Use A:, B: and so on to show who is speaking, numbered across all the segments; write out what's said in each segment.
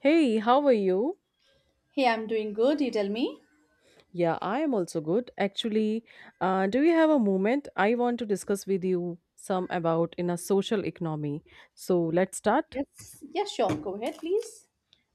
A: Hey, how are you?
B: Hey, I'm doing good. You tell me.
A: Yeah, I am also good. Actually, do you have a moment? I want to discuss with you some about in a social economy. So let's start.
B: Yes. Yeah, sure. Go ahead, please.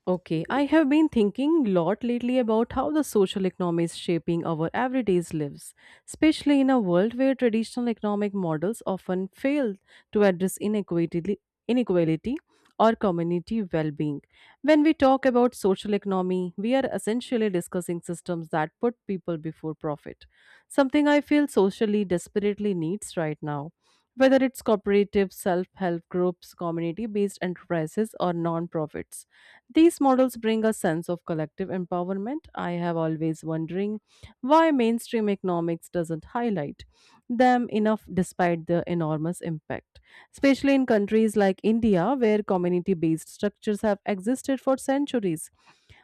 A: Okay, I have been thinking a lot lately about how the social economy is shaping our everyday's lives, especially in a world where traditional economic models often fail to address inequality, inequality or community well-being. When we talk about social economy, we are essentially discussing systems that put people before profit, something I feel socially desperately needs right now. Whether it's cooperative, self help groups, community based enterprises, or non profits. These models bring a sense of collective empowerment I have always wondering why mainstream economics doesn't highlight them enough despite their enormous impact, especially in countries like India where community-based structures have existed for centuries.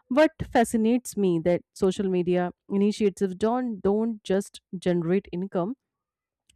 A: What fascinates me that social media initiatives don't just generate income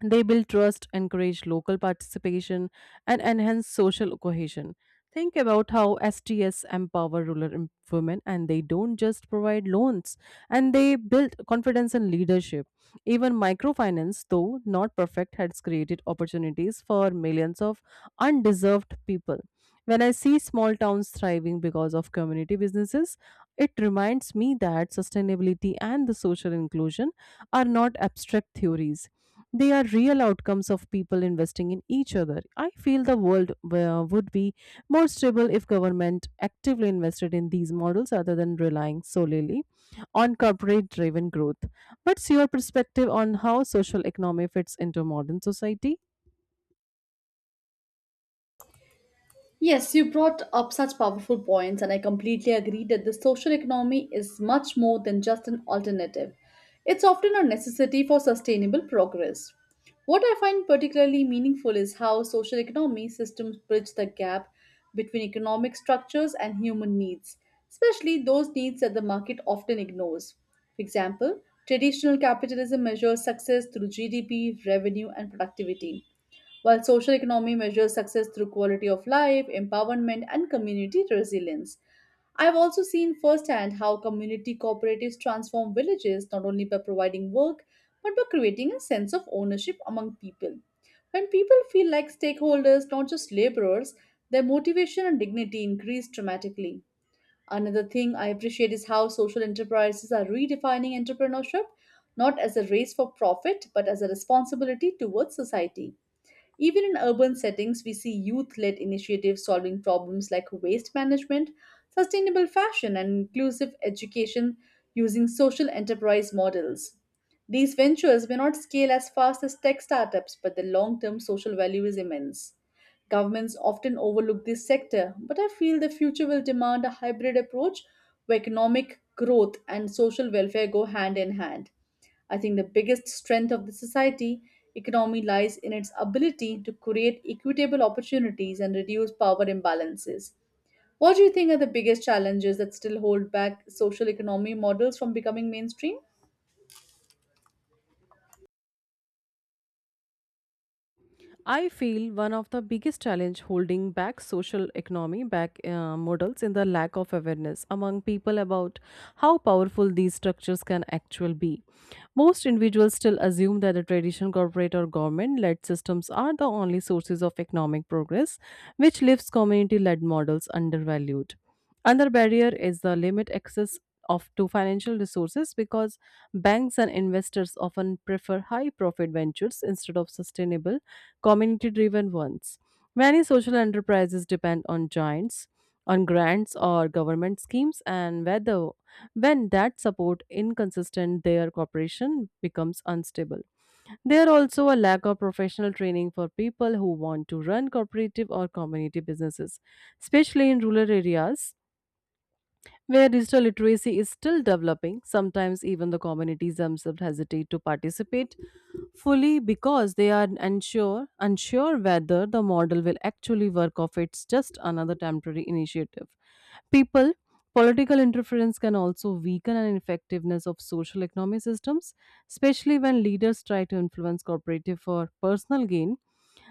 A: they build trust, encourage local participation, and enhance social cohesion. Think about how STS empower rural women and they don't just provide loans and they build confidence and leadership. Even microfinance, though not perfect, has created opportunities for millions of undeserved people. When I see small towns thriving because of community businesses, it reminds me that sustainability and the social inclusion are not abstract theories they are real outcomes of people investing in each other. I feel the world would be more stable if government actively invested in these models other than relying solely on corporate driven growth. What's your perspective on how social economy fits into modern society?
B: Yes, you brought up such powerful points, and I completely agree that the social economy is much more than just an alternative. It's often a necessity for sustainable progress. What I find particularly meaningful is how social economy systems bridge the gap between economic structures and human needs, especially those needs that the market often ignores. For example, traditional capitalism measures success through GDP, revenue, and productivity while social economy measures success through quality of life, empowerment, and community resilience. I've also seen firsthand how community cooperatives transform villages not only by providing work but by creating a sense of ownership among people. When people feel like stakeholders, not just laborers, their motivation and dignity increase dramatically. Another thing I appreciate is how social enterprises are redefining entrepreneurship not as a race for profit but as a responsibility towards society. Even in urban settings, we see youth led initiatives solving problems like waste management, sustainable fashion, and inclusive education using social enterprise models. These ventures may not scale as fast as tech startups, but the long term social value is immense. Governments often overlook this sector, but I feel the future will demand a hybrid approach where economic growth and social welfare go hand in hand. I think the biggest strength of the society economy lies in its ability to create equitable opportunities and reduce power imbalances. What do you think are the biggest challenges that still hold back social economy models from becoming mainstream?
A: I feel one of the biggest challenge holding back social economy back models in the lack of awareness among people about how powerful these structures can actually be. Most individuals still assume that the traditional corporate or government-led systems are the only sources of economic progress, which leaves community-led models undervalued. Another barrier is the limit access of to financial resources because banks and investors often prefer high profit ventures instead of sustainable community driven ones. Many social enterprises depend on giants, on grants or government schemes, and whether when that support inconsistent, their cooperation becomes unstable. There also a lack of professional training for people who want to run cooperative or community businesses, especially in rural areas. Where digital literacy is still developing, sometimes even the communities themselves hesitate to participate fully because they are unsure whether the model will actually work or if it's just another temporary initiative people political interference can also weaken an effectiveness of social economic systems especially when leaders try to influence corporative for personal gain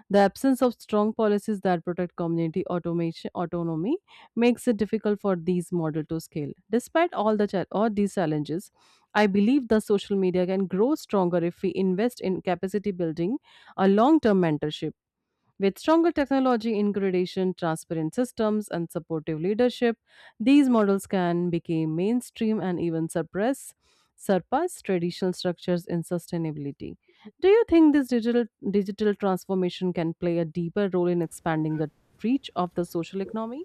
A: the absence of strong policies that protect community automation autonomy makes it difficult for these model to scale despite all these challenges I believe the social media can grow stronger if we invest in capacity building a long term mentorship with stronger technology integration, transparent systems, and supportive leadership, these models can become mainstream and even suppress surpass traditional structures in sustainability. Do you think this digital transformation can play a deeper role in expanding the reach of the social economy?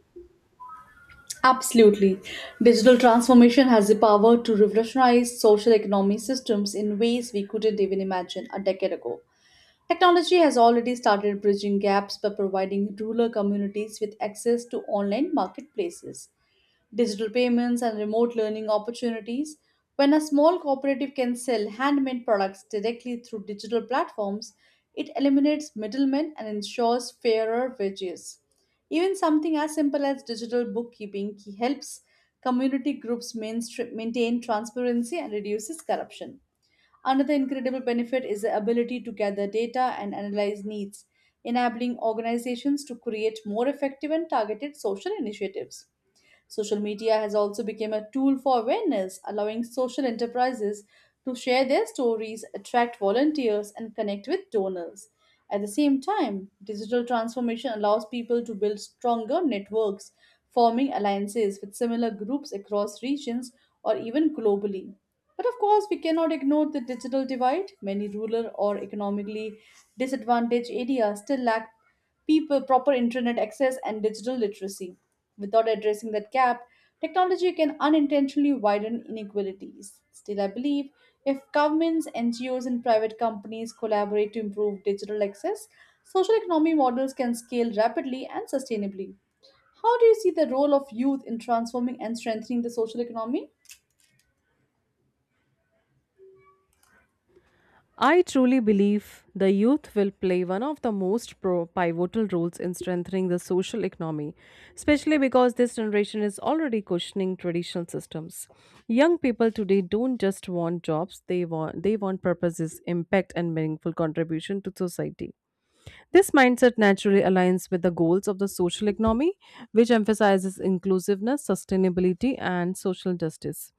B: Absolutely. Digital transformation has the power to revolutionize social economy systems in ways we couldn't even imagine a decade ago. Technology has already started bridging gaps by providing rural communities with access to online marketplaces, digital payments, and remote learning opportunities. When a small cooperative can sell handmade products directly through digital platforms, it eliminates middlemen and ensures fairer wages. Even something as simple as digital bookkeeping helps community groups maintain transparency and reduces corruption. Another incredible benefit is the ability to gather data and analyze needs, enabling organizations to create more effective and targeted social initiatives. Social media has also become a tool for awareness, allowing social enterprises to share their stories, attract volunteers, and connect with donors. At the same time, digital transformation allows people to build stronger networks, forming alliances with similar groups across regions or even globally. But of course, we cannot ignore the digital divide. Many rural or economically disadvantaged areas still lack people proper internet access and digital literacy. Without addressing that gap, technology can unintentionally widen inequalities. Still, I believe if governments, NGOs, and private companies collaborate to improve digital access, social economy models can scale rapidly and sustainably. How do you see the role of youth in transforming and strengthening the social economy?
A: I truly believe the youth will play one of the most pivotal roles in strengthening the social economy, especially because this generation is already questioning traditional systems. Young people today don't just want jobs, they want purposes, impact and meaningful contribution to society. This mindset naturally aligns with the goals of the social economy, which emphasizes inclusiveness, sustainability, and social justice.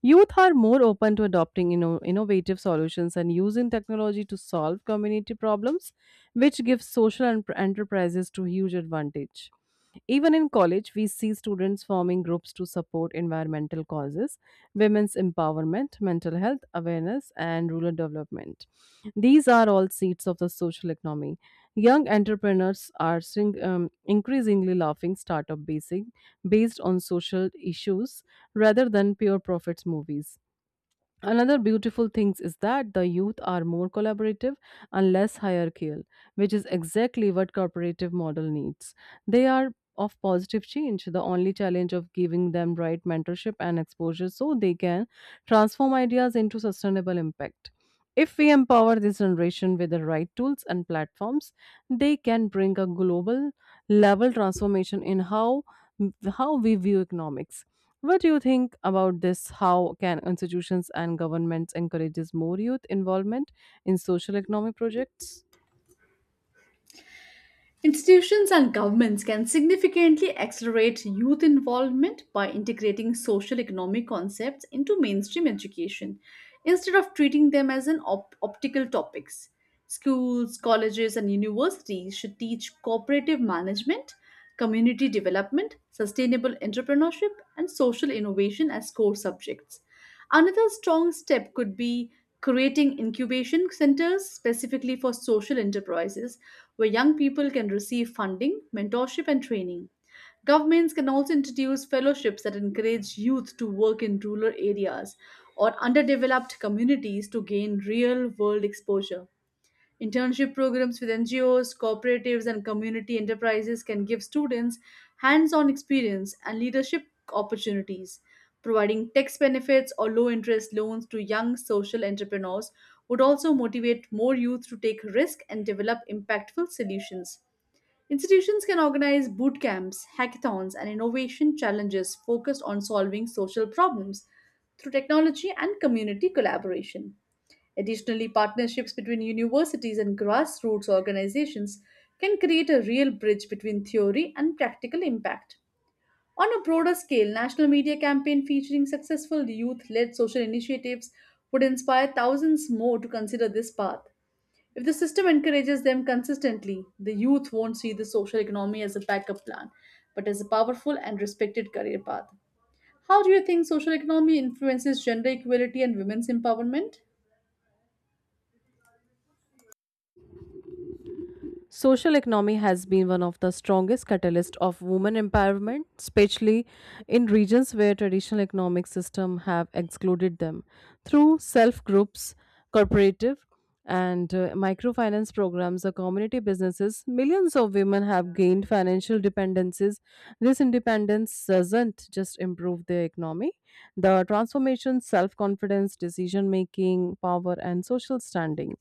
A: Youth are more open to adopting innovative solutions and using technology to solve community problems, which gives social enterprises to huge advantage. Even in college, we see students forming groups to support environmental causes, women's empowerment, mental health awareness, and rural development. These are all seats of the social economy. Young entrepreneurs are increasingly laughing startup basing based on social issues rather than pure profits movies. Another beautiful thing is that the youth are more collaborative and less hierarchical, which is exactly what corporative model needs. They are of positive change, the only challenge of giving them right mentorship and exposure so they can transform ideas into sustainable impact. If we empower this generation with the right tools and platforms, they can bring a global level transformation in how we view economics what do you think about this? How can institutions and governments encourages more youth involvement in social economic projects?
B: Institutions and governments can significantly accelerate youth involvement by integrating social economic concepts into mainstream education instead of treating them as an optical topics. Schools, colleges, and universities should teach cooperative management, community development, sustainable entrepreneurship, and social innovation as core subjects. Another strong step could be creating incubation centers specifically for social enterprises where young people can receive funding, mentorship, and training. Governments can also introduce fellowships that encourage youth to work in rural areas or underdeveloped communities to gain real world exposure. Internship programs with NGOs, cooperatives, and community enterprises can give students hands on experience and leadership opportunities. Providing tax benefits or low interest loans to young social entrepreneurs would also motivate more youth to take risk and develop impactful solutions. Institutions can organize boot camps, hackathons, and innovation challenges focused on solving social problems through technology and community collaboration. Additionally, partnerships between universities and grassroots organizations can create a real bridge between theory and practical impact. On a broader scale, national media campaign featuring successful youth-led social initiatives would inspire thousands more to consider this path. If the system encourages them consistently, the youth won't see the social economy as a backup plan, but as a powerful and respected career path. How do you think social economy influences gender equality and women's empowerment?
A: Social economy has been one of the strongest catalysts of women empowerment, especially in regions where traditional economic systems have excluded them. Through self-groups, cooperative, and microfinance programs or community businesses, millions of women have gained financial dependencies. This independence doesn't just improve their economy. The transformation, self-confidence, decision-making, power, and social standing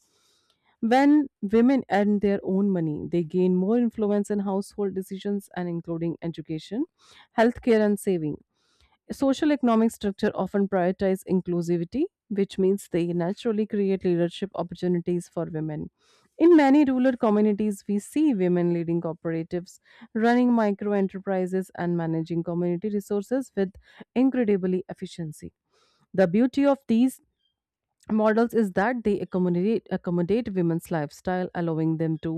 A: when women earn their own money, they gain more influence in household decisions and including education, healthcare, and saving. Social economic structure often prioritize inclusivity, which means they naturally create leadership opportunities for women. In many rural communities, we see women leading cooperatives, running micro enterprises, and managing community resources with incredibly efficiency. The beauty of these models is that they accommodate women's lifestyle allowing them to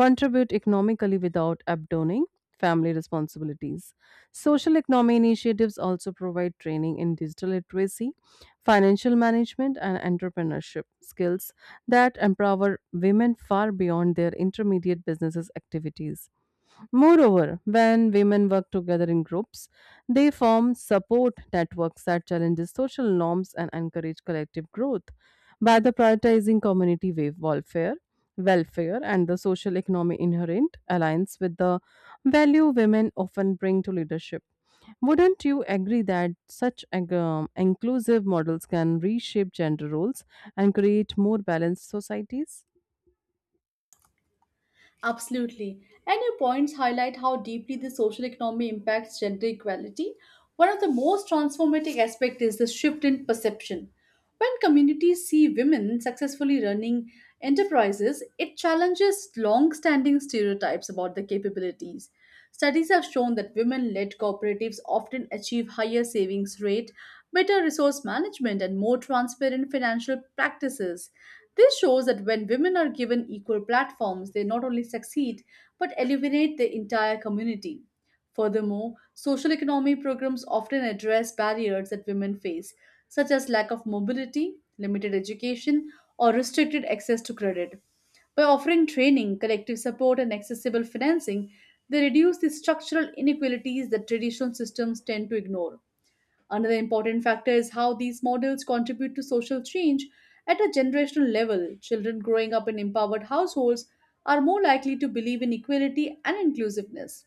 A: contribute economically without abandoning family responsibilities social economy initiatives also provide training in digital literacy financial management and entrepreneurship skills that empower women far beyond their intermediate businesses activities Moreover, when women work together in groups, they form support networks that challenges social norms and encourage collective growth. By the prioritizing community welfare, welfare and the social economy inherent alliance with the value women often bring to leadership. Wouldn't you agree that such inclusive models can reshape gender roles and create more balanced societies?
B: Absolutely. And your points highlight how deeply the social economy impacts gender equality. One of the most transformative aspects is the shift in perception. When communities see women successfully running enterprises, it challenges long standing stereotypes about their capabilities. Studies have shown that women led cooperatives often achieve higher savings rate, better resource management, and more transparent financial practices. This shows that when women are given equal platforms, they not only succeed but elevate the entire community. Furthermore, social economy programs often address barriers that women face, such as lack of mobility, limited education, or restricted access to credit. By offering training, collective support, and accessible financing, they reduce the structural inequalities that traditional systems tend to ignore. Another important factor is how these models contribute to social change at a generational level. Children growing up in empowered households are more likely to believe in equality and inclusiveness.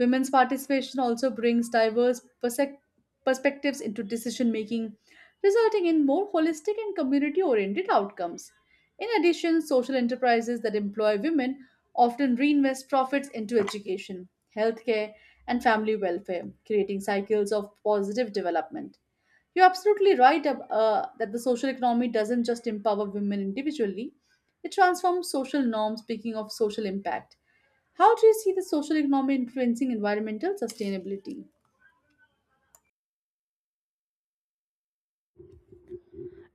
B: Women's participation also brings diverse perspectives into decision making, resulting in more holistic and community oriented outcomes. In addition, social enterprises that employ women often reinvest profits into education, healthcare, and family welfare, creating cycles of positive development. You're absolutely right that the social economy doesn't just empower women individually, it transforms social norms, speaking of social impact. How do you see the social economy influencing environmental sustainability?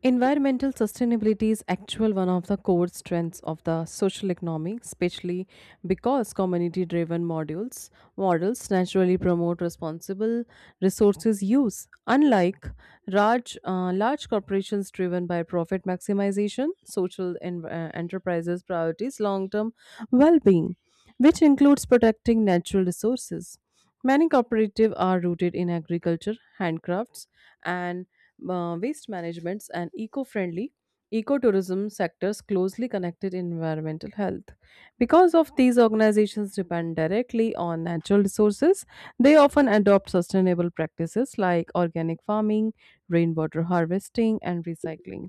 A: Environmental sustainability is actual one of the core strengths of the social economy, especially because community-driven modules models naturally promote responsible resources use, unlike large large corporations driven by profit maximization. Social enterprises prioritize long-term well-being, which includes protecting natural resources. Many cooperatives are rooted in agriculture, handcrafts, and waste managements and eco-friendly ecotourism sectors closely connected in environmental health because of these organizations depend directly on natural resources they often adopt sustainable practices like organic farming rainwater harvesting and recycling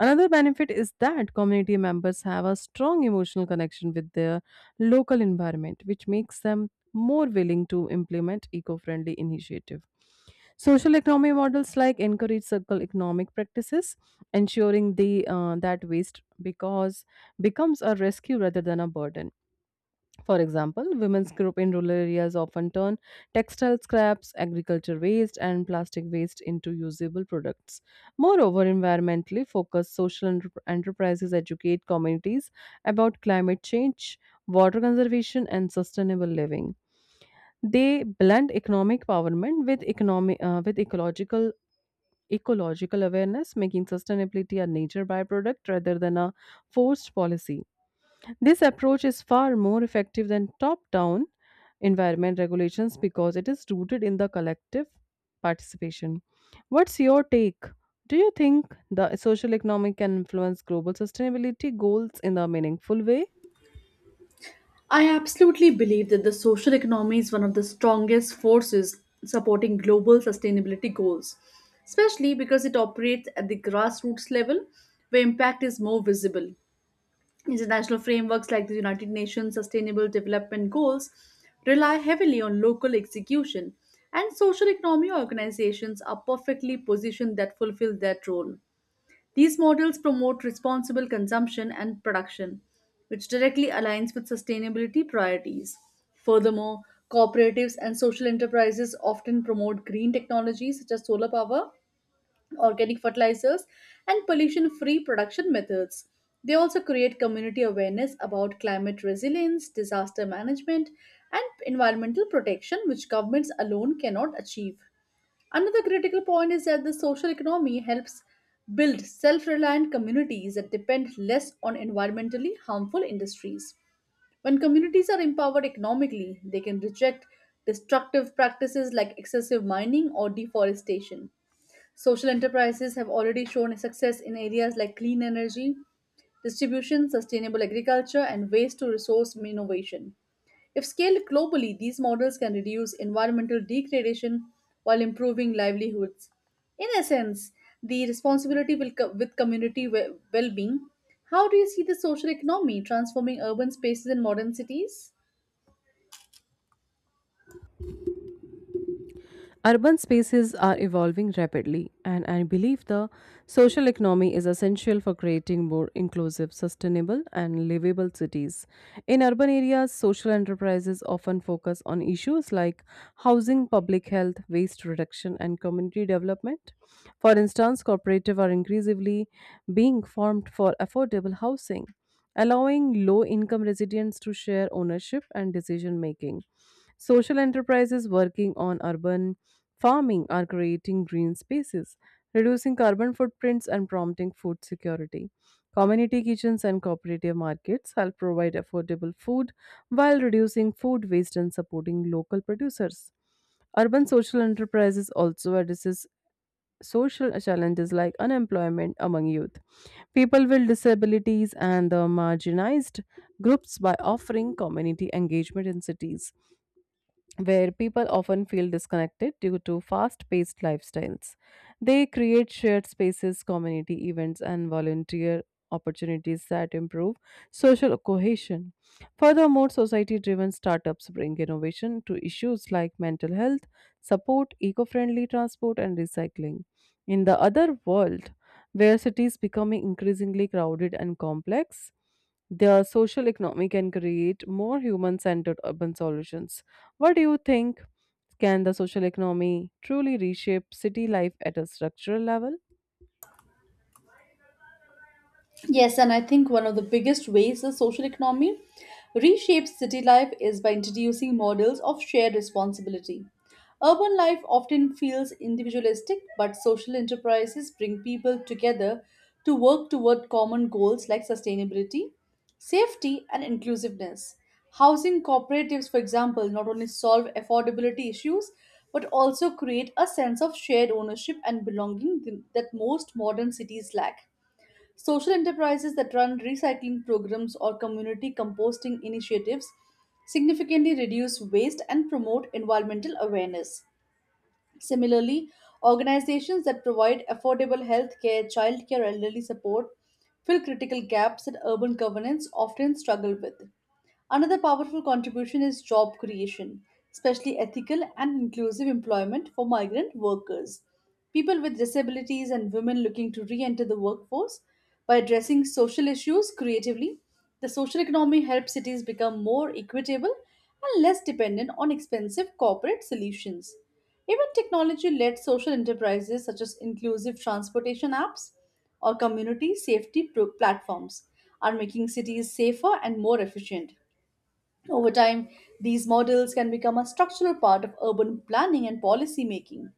A: another benefit is that community members have a strong emotional connection with their local environment which makes them more willing to implement eco-friendly initiative. Social economy models like encourage circle economic practices, ensuring the that waste because becomes a rescue rather than a burden. For example, women's group in rural areas often turn textile scraps, agriculture waste, and plastic waste into usable products. Moreover, environmentally focused social enterprises educate communities about climate change, water conservation, and sustainable living. They blend economic empowerment with economic with ecological awareness, making sustainability a nature byproduct rather than a forced policy. This approach is far more effective than top down environment regulations because it is rooted in the collective participation. What's your take? Do you think the social economic can influence global sustainability goals in a meaningful way?
B: I absolutely believe that the social economy is one of the strongest forces supporting global sustainability goals, especially because it operates at the grassroots level where impact is more visible. International frameworks like the United Nations Sustainable Development Goals rely heavily on local execution, and social economy organizations are perfectly positioned that fulfill that role. These models promote responsible consumption and production, which directly aligns with sustainability priorities. Furthermore, cooperatives and social enterprises often promote green technologies such as solar power organic fertilizers, and pollution free production methods. They also create community awareness about climate resilience, disaster management, and environmental protection, which governments alone cannot achieve. Another critical point is that the social economy helps build self reliant communities that depend less on environmentally harmful industries. When communities are empowered economically, they can reject destructive practices like excessive mining or deforestation. Social enterprises have already shown success in areas like clean energy, distribution, sustainable agriculture, and waste to resource innovation. If scaled globally, these models can reduce environmental degradation while improving livelihoods. In essence, the responsibility will with community well-being. How do you see the social economy transforming urban spaces in modern cities?
A: Urban spaces are evolving rapidly, and I believe the social economy is essential for creating more inclusive, sustainable, and livable cities. In urban areas, social enterprises often focus on issues like housing, public health, waste reduction, and community development. For instance, cooperatives are increasingly being formed for affordable housing, allowing low income residents to share ownership and decision making social enterprises working on urban farming are creating green spaces, reducing carbon footprints, and prompting food security. Community kitchens and cooperative markets help provide affordable food while reducing food waste and supporting local producers. Urban social enterprises also addresses social challenges like unemployment among youth, people with disabilities, and the marginalized groups by offering community engagement in cities where people often feel disconnected due to fast paced lifestyles. They create shared spaces, community events, and volunteer opportunities that improve social cohesion. Furthermore, society driven startups bring innovation to issues like mental health, support, eco friendly transport, and recycling. In the other world, where cities becoming increasingly crowded and complex, their social economy can create more human centered urban solutions what do you think? Can the social economy truly reshape city life at a structural level?
B: Yes, and I think one of the biggest ways the social economy reshapes city life is by introducing models of shared responsibility. Urban life often feels individualistic, but social enterprises bring people together to work toward common goals like sustainability, safety, and inclusiveness. Housing cooperatives, for example, not only solve affordability issues but also create a sense of shared ownership and belonging that most modern cities lack. Social enterprises that run recycling programs or community composting initiatives significantly reduce waste and promote environmental awareness. Similarly, organizations that provide affordable healthcare, care, childcare, elderly support fill critical gaps that urban governance often struggle with. Another powerful contribution is job creation, especially ethical and inclusive employment for migrant workers. People with disabilities and women looking to re enter the workforce by addressing social issues creatively, the social economy helps cities become more equitable and less dependent on expensive corporate solutions. Even technology led social enterprises such as inclusive transportation apps or community safety platforms are making cities safer and more efficient. Over time, these models can become a structural part of urban planning and policy making.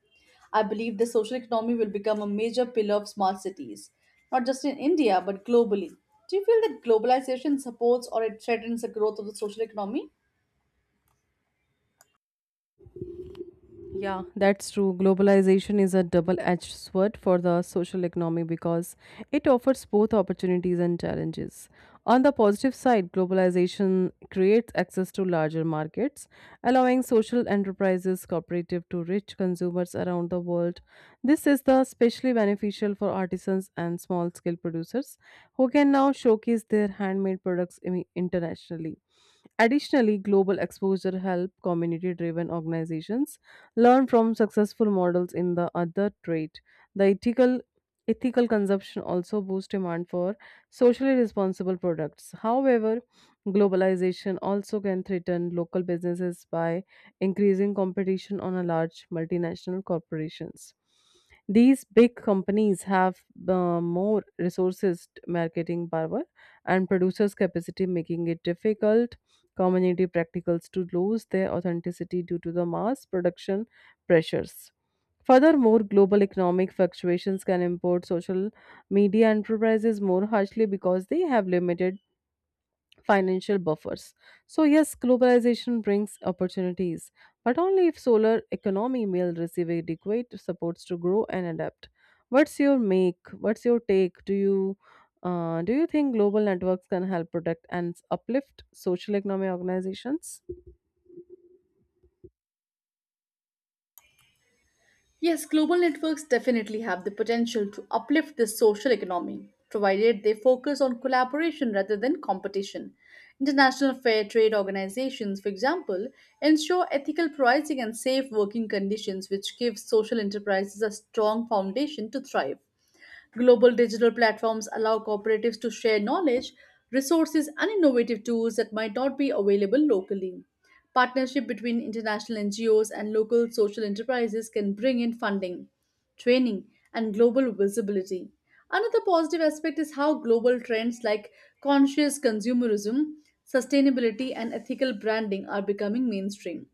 B: I believe the social economy will become a major pillar of smart cities, not just in India but globally. Do you feel that globalization supports or it threatens the growth of the social economy?
A: Yeah, that's true. Globalization is a double edged sword for the social economy because it offers both opportunities and challenges. On the positive side, globalization creates access to larger markets, allowing social enterprises cooperative to reach consumers around the world. This is the especially beneficial for artisans and small scale producers who can now showcase their handmade products internationally. Additionally, global exposure help community-driven organizations learn from successful models in the other trade. The ethical consumption also boosts demand for socially responsible products. However, globalization also can threaten local businesses by increasing competition on a large multinational corporations. These big companies have more resources, marketing power, and producers' capacity, making it difficult community practicals to lose their authenticity due to the mass production pressures. Furthermore, global economic fluctuations can impact social media enterprises more harshly because they have limited financial buffers. So, yes, globalization brings opportunities, but only if solar economy will receive adequate supports to grow and adapt. What's your make? What's your take? Do you think global networks can help protect and uplift social economy organizations?
B: Yes, global networks definitely have the potential to uplift the social economy, provided they focus on collaboration rather than competition. International fair trade organizations, for example, ensure ethical pricing and safe working conditions, which give social enterprises a strong foundation to thrive. Global digital platforms allow cooperatives to share knowledge, resources, and innovative tools that might not be available locally. Partnership between international NGOs and local social enterprises can bring in funding, training, and global visibility. Another positive aspect is how global trends like conscious consumerism, sustainability, and ethical branding are becoming mainstream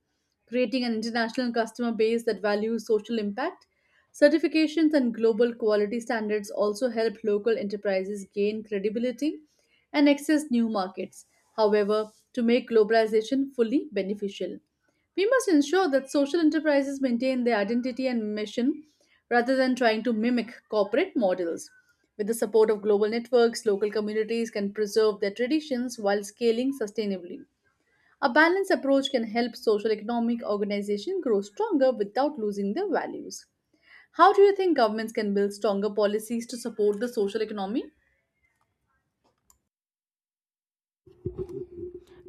B: creating an international customer base that values social impact. Certifications and global quality standards also help local enterprises gain credibility and access new markets. However, to make globalization fully beneficial, we must ensure that social enterprises maintain their identity and mission rather than trying to mimic corporate models. With the support of global networks, local communities can preserve their traditions while scaling sustainably. A balanced approach can help social economic organizations grow stronger without losing their values. How do you think governments can build stronger policies to support the social economy?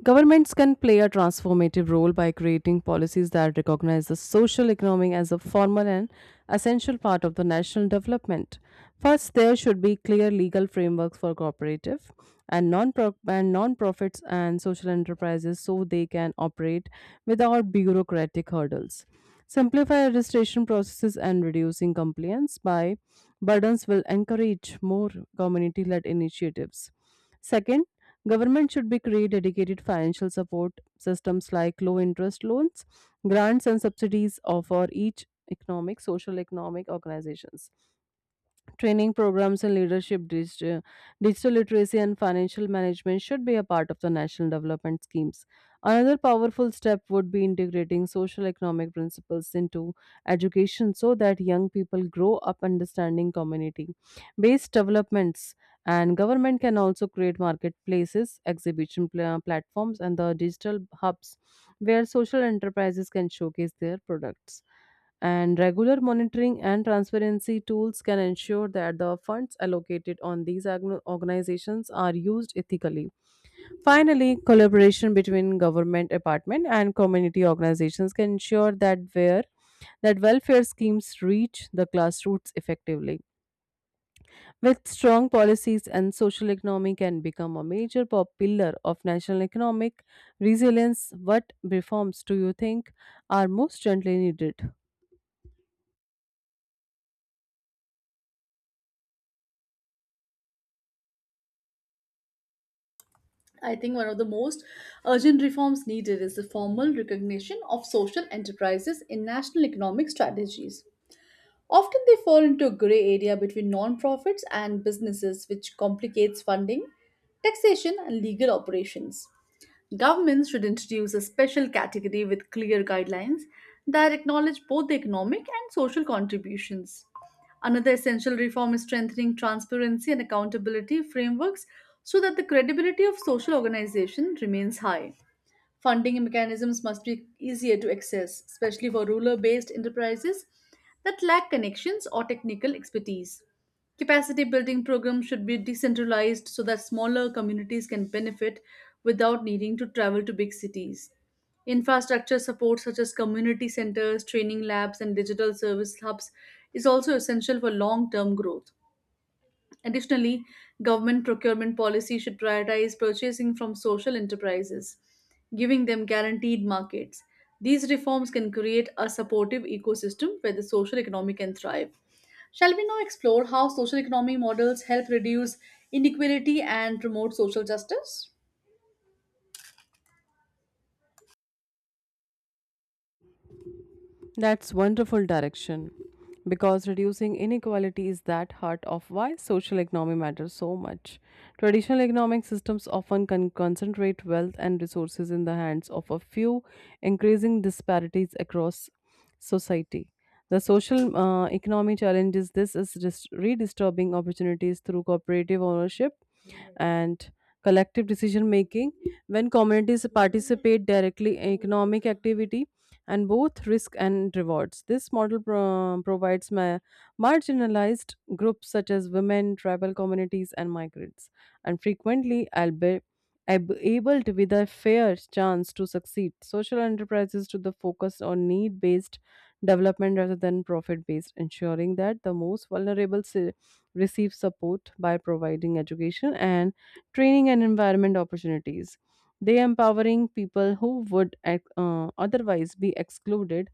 A: Governments can play a transformative role by creating policies that recognize the social economy as a formal and essential part of the national development. First, there should be clear legal frameworks for cooperative and non and non-profits and social enterprises so they can operate without bureaucratic hurdles. Simplify registration processes and reducing compliance by burdens will encourage more community-led initiatives. Second, Government should be create dedicated financial support systems like low interest loans, grants and subsidies of- for each economic, social economic organizations. Training programs in leadership, digital literacy, and financial management should be a part of the national development schemes. Another powerful step would be integrating social economic principles into education so that young people grow up understanding community based developments. And government can also create marketplaces, exhibition pla- platforms, and the digital hubs where social enterprises can showcase their products and regular monitoring and transparency tools can ensure that the funds allocated on these agno- organizations are used ethically. Finally, collaboration between government department and community organizations can ensure that where that welfare schemes reach the grassroots effectively. With strong policies and social economy can become a major pop- pillar of national economic resilience. What reforms do you think are most urgently needed?
B: I think one of the most urgent reforms needed is the formal recognition of social enterprises in national economic strategies. Often they fall into a gray area between non-profits and businesses, which complicates funding, taxation, and legal operations. Governments should introduce a special category with clear guidelines that acknowledge both the economic and social contributions. Another essential reform is strengthening transparency and accountability frameworks so that the credibility of social organization remains high. Funding mechanisms must be easier to access, especially for rural based enterprises that lack connections or technical expertise. Capacity building programs should be decentralized so that smaller communities can benefit without needing to travel to big cities. Infrastructure support, such as community centers, training labs, and digital service hubs, is also essential for long term growth. Additionally, government procurement policy should prioritize purchasing from social enterprises, giving them guaranteed markets. These reforms can create a supportive ecosystem where the social economy can thrive. Shall we now explore how social economy models help reduce inequality and promote social justice?
A: That's wonderful direction because reducing inequality is that heart of why social economy matters so much. Traditional economic systems often con- concentrate wealth and resources in the hands of a few, increasing disparities across society. The social economy challenges this is dis- redistributing opportunities through cooperative ownership and collective decision making when communities participate directly in economic activity and both risk and rewards this model pro- provides ma- marginalized groups such as women tribal communities and migrants and frequently albeit ab- able to with a fair chance to succeed social enterprises to the focus on need based development rather than profit based ensuring that the most vulnerable receive support by providing education and training and environment opportunities. They empowering people who would otherwise be excluded.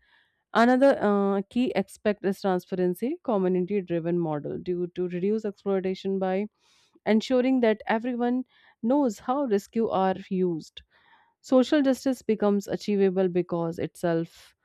A: Another key aspect is transparency, community-driven model due to reduce exploitation by ensuring that everyone knows how rescue are used. Social justice becomes achievable because itself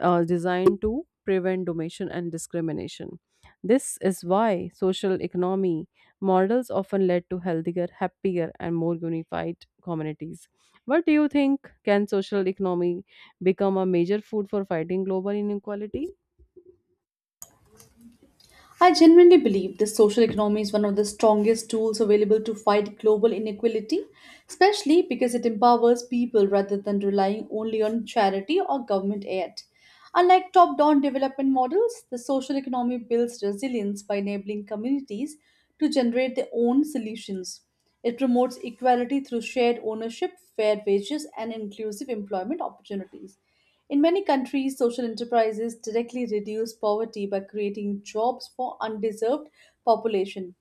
A: designed to prevent domination and discrimination. This is why social economy models often led to healthier, happier, and more unified communities. What do you think? Can social economy become a major food for fighting global inequality?
B: I genuinely believe the social economy is one of the strongest tools available to fight global inequality, especially because it empowers people rather than relying only on charity or government aid. Unlike top down development models, the social economy builds resilience by enabling communities to generate their own solutions. It promotes equality through shared ownership, fair wages, and inclusive employment opportunities. In many countries, social enterprises directly reduce poverty by creating jobs for undeserved population.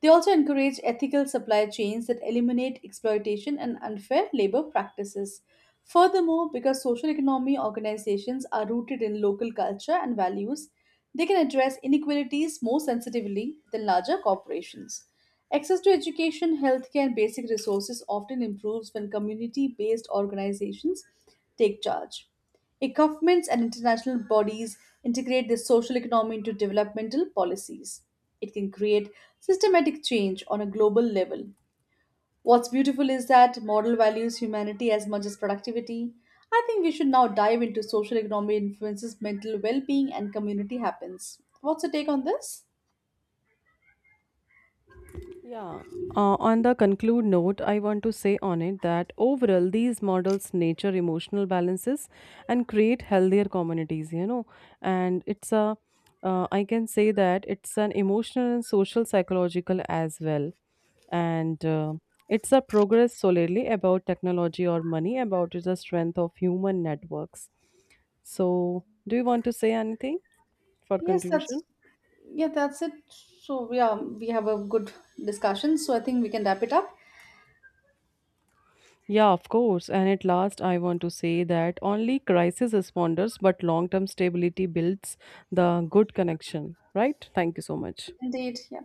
B: They also encourage ethical supply chains that eliminate exploitation and unfair labor practices. Furthermore, because social economy organizations are rooted in local culture and values, they can address inequalities more sensitively than larger corporations. Access to education, healthcare, and basic resources often improves when community based organizations take charge. If Governments and international bodies integrate the social economy into developmental policies. It can create systematic change on a global level. What's beautiful is that model values humanity as much as productivity. I think we should now dive into social economy influences mental well-being and community happens. What's your take on this?
A: Yeah, on the conclude note, I want to say on it that overall these models nature emotional balances and create healthier communities, you know. And I can say that it's an emotional and social psychological as well. And it's a progress solely about technology or money, about the strength of human networks. So, do you want to say anything for
B: Yes,
A: conclusion?
B: that's yeah, that's it. So yeah, we have a good discussion. So I think we can wrap it up.
A: Yeah, of course. And at last, I want to say that only crisis responders, but long term stability builds the good connection, right? Thank you so much.
B: Indeed, yeah.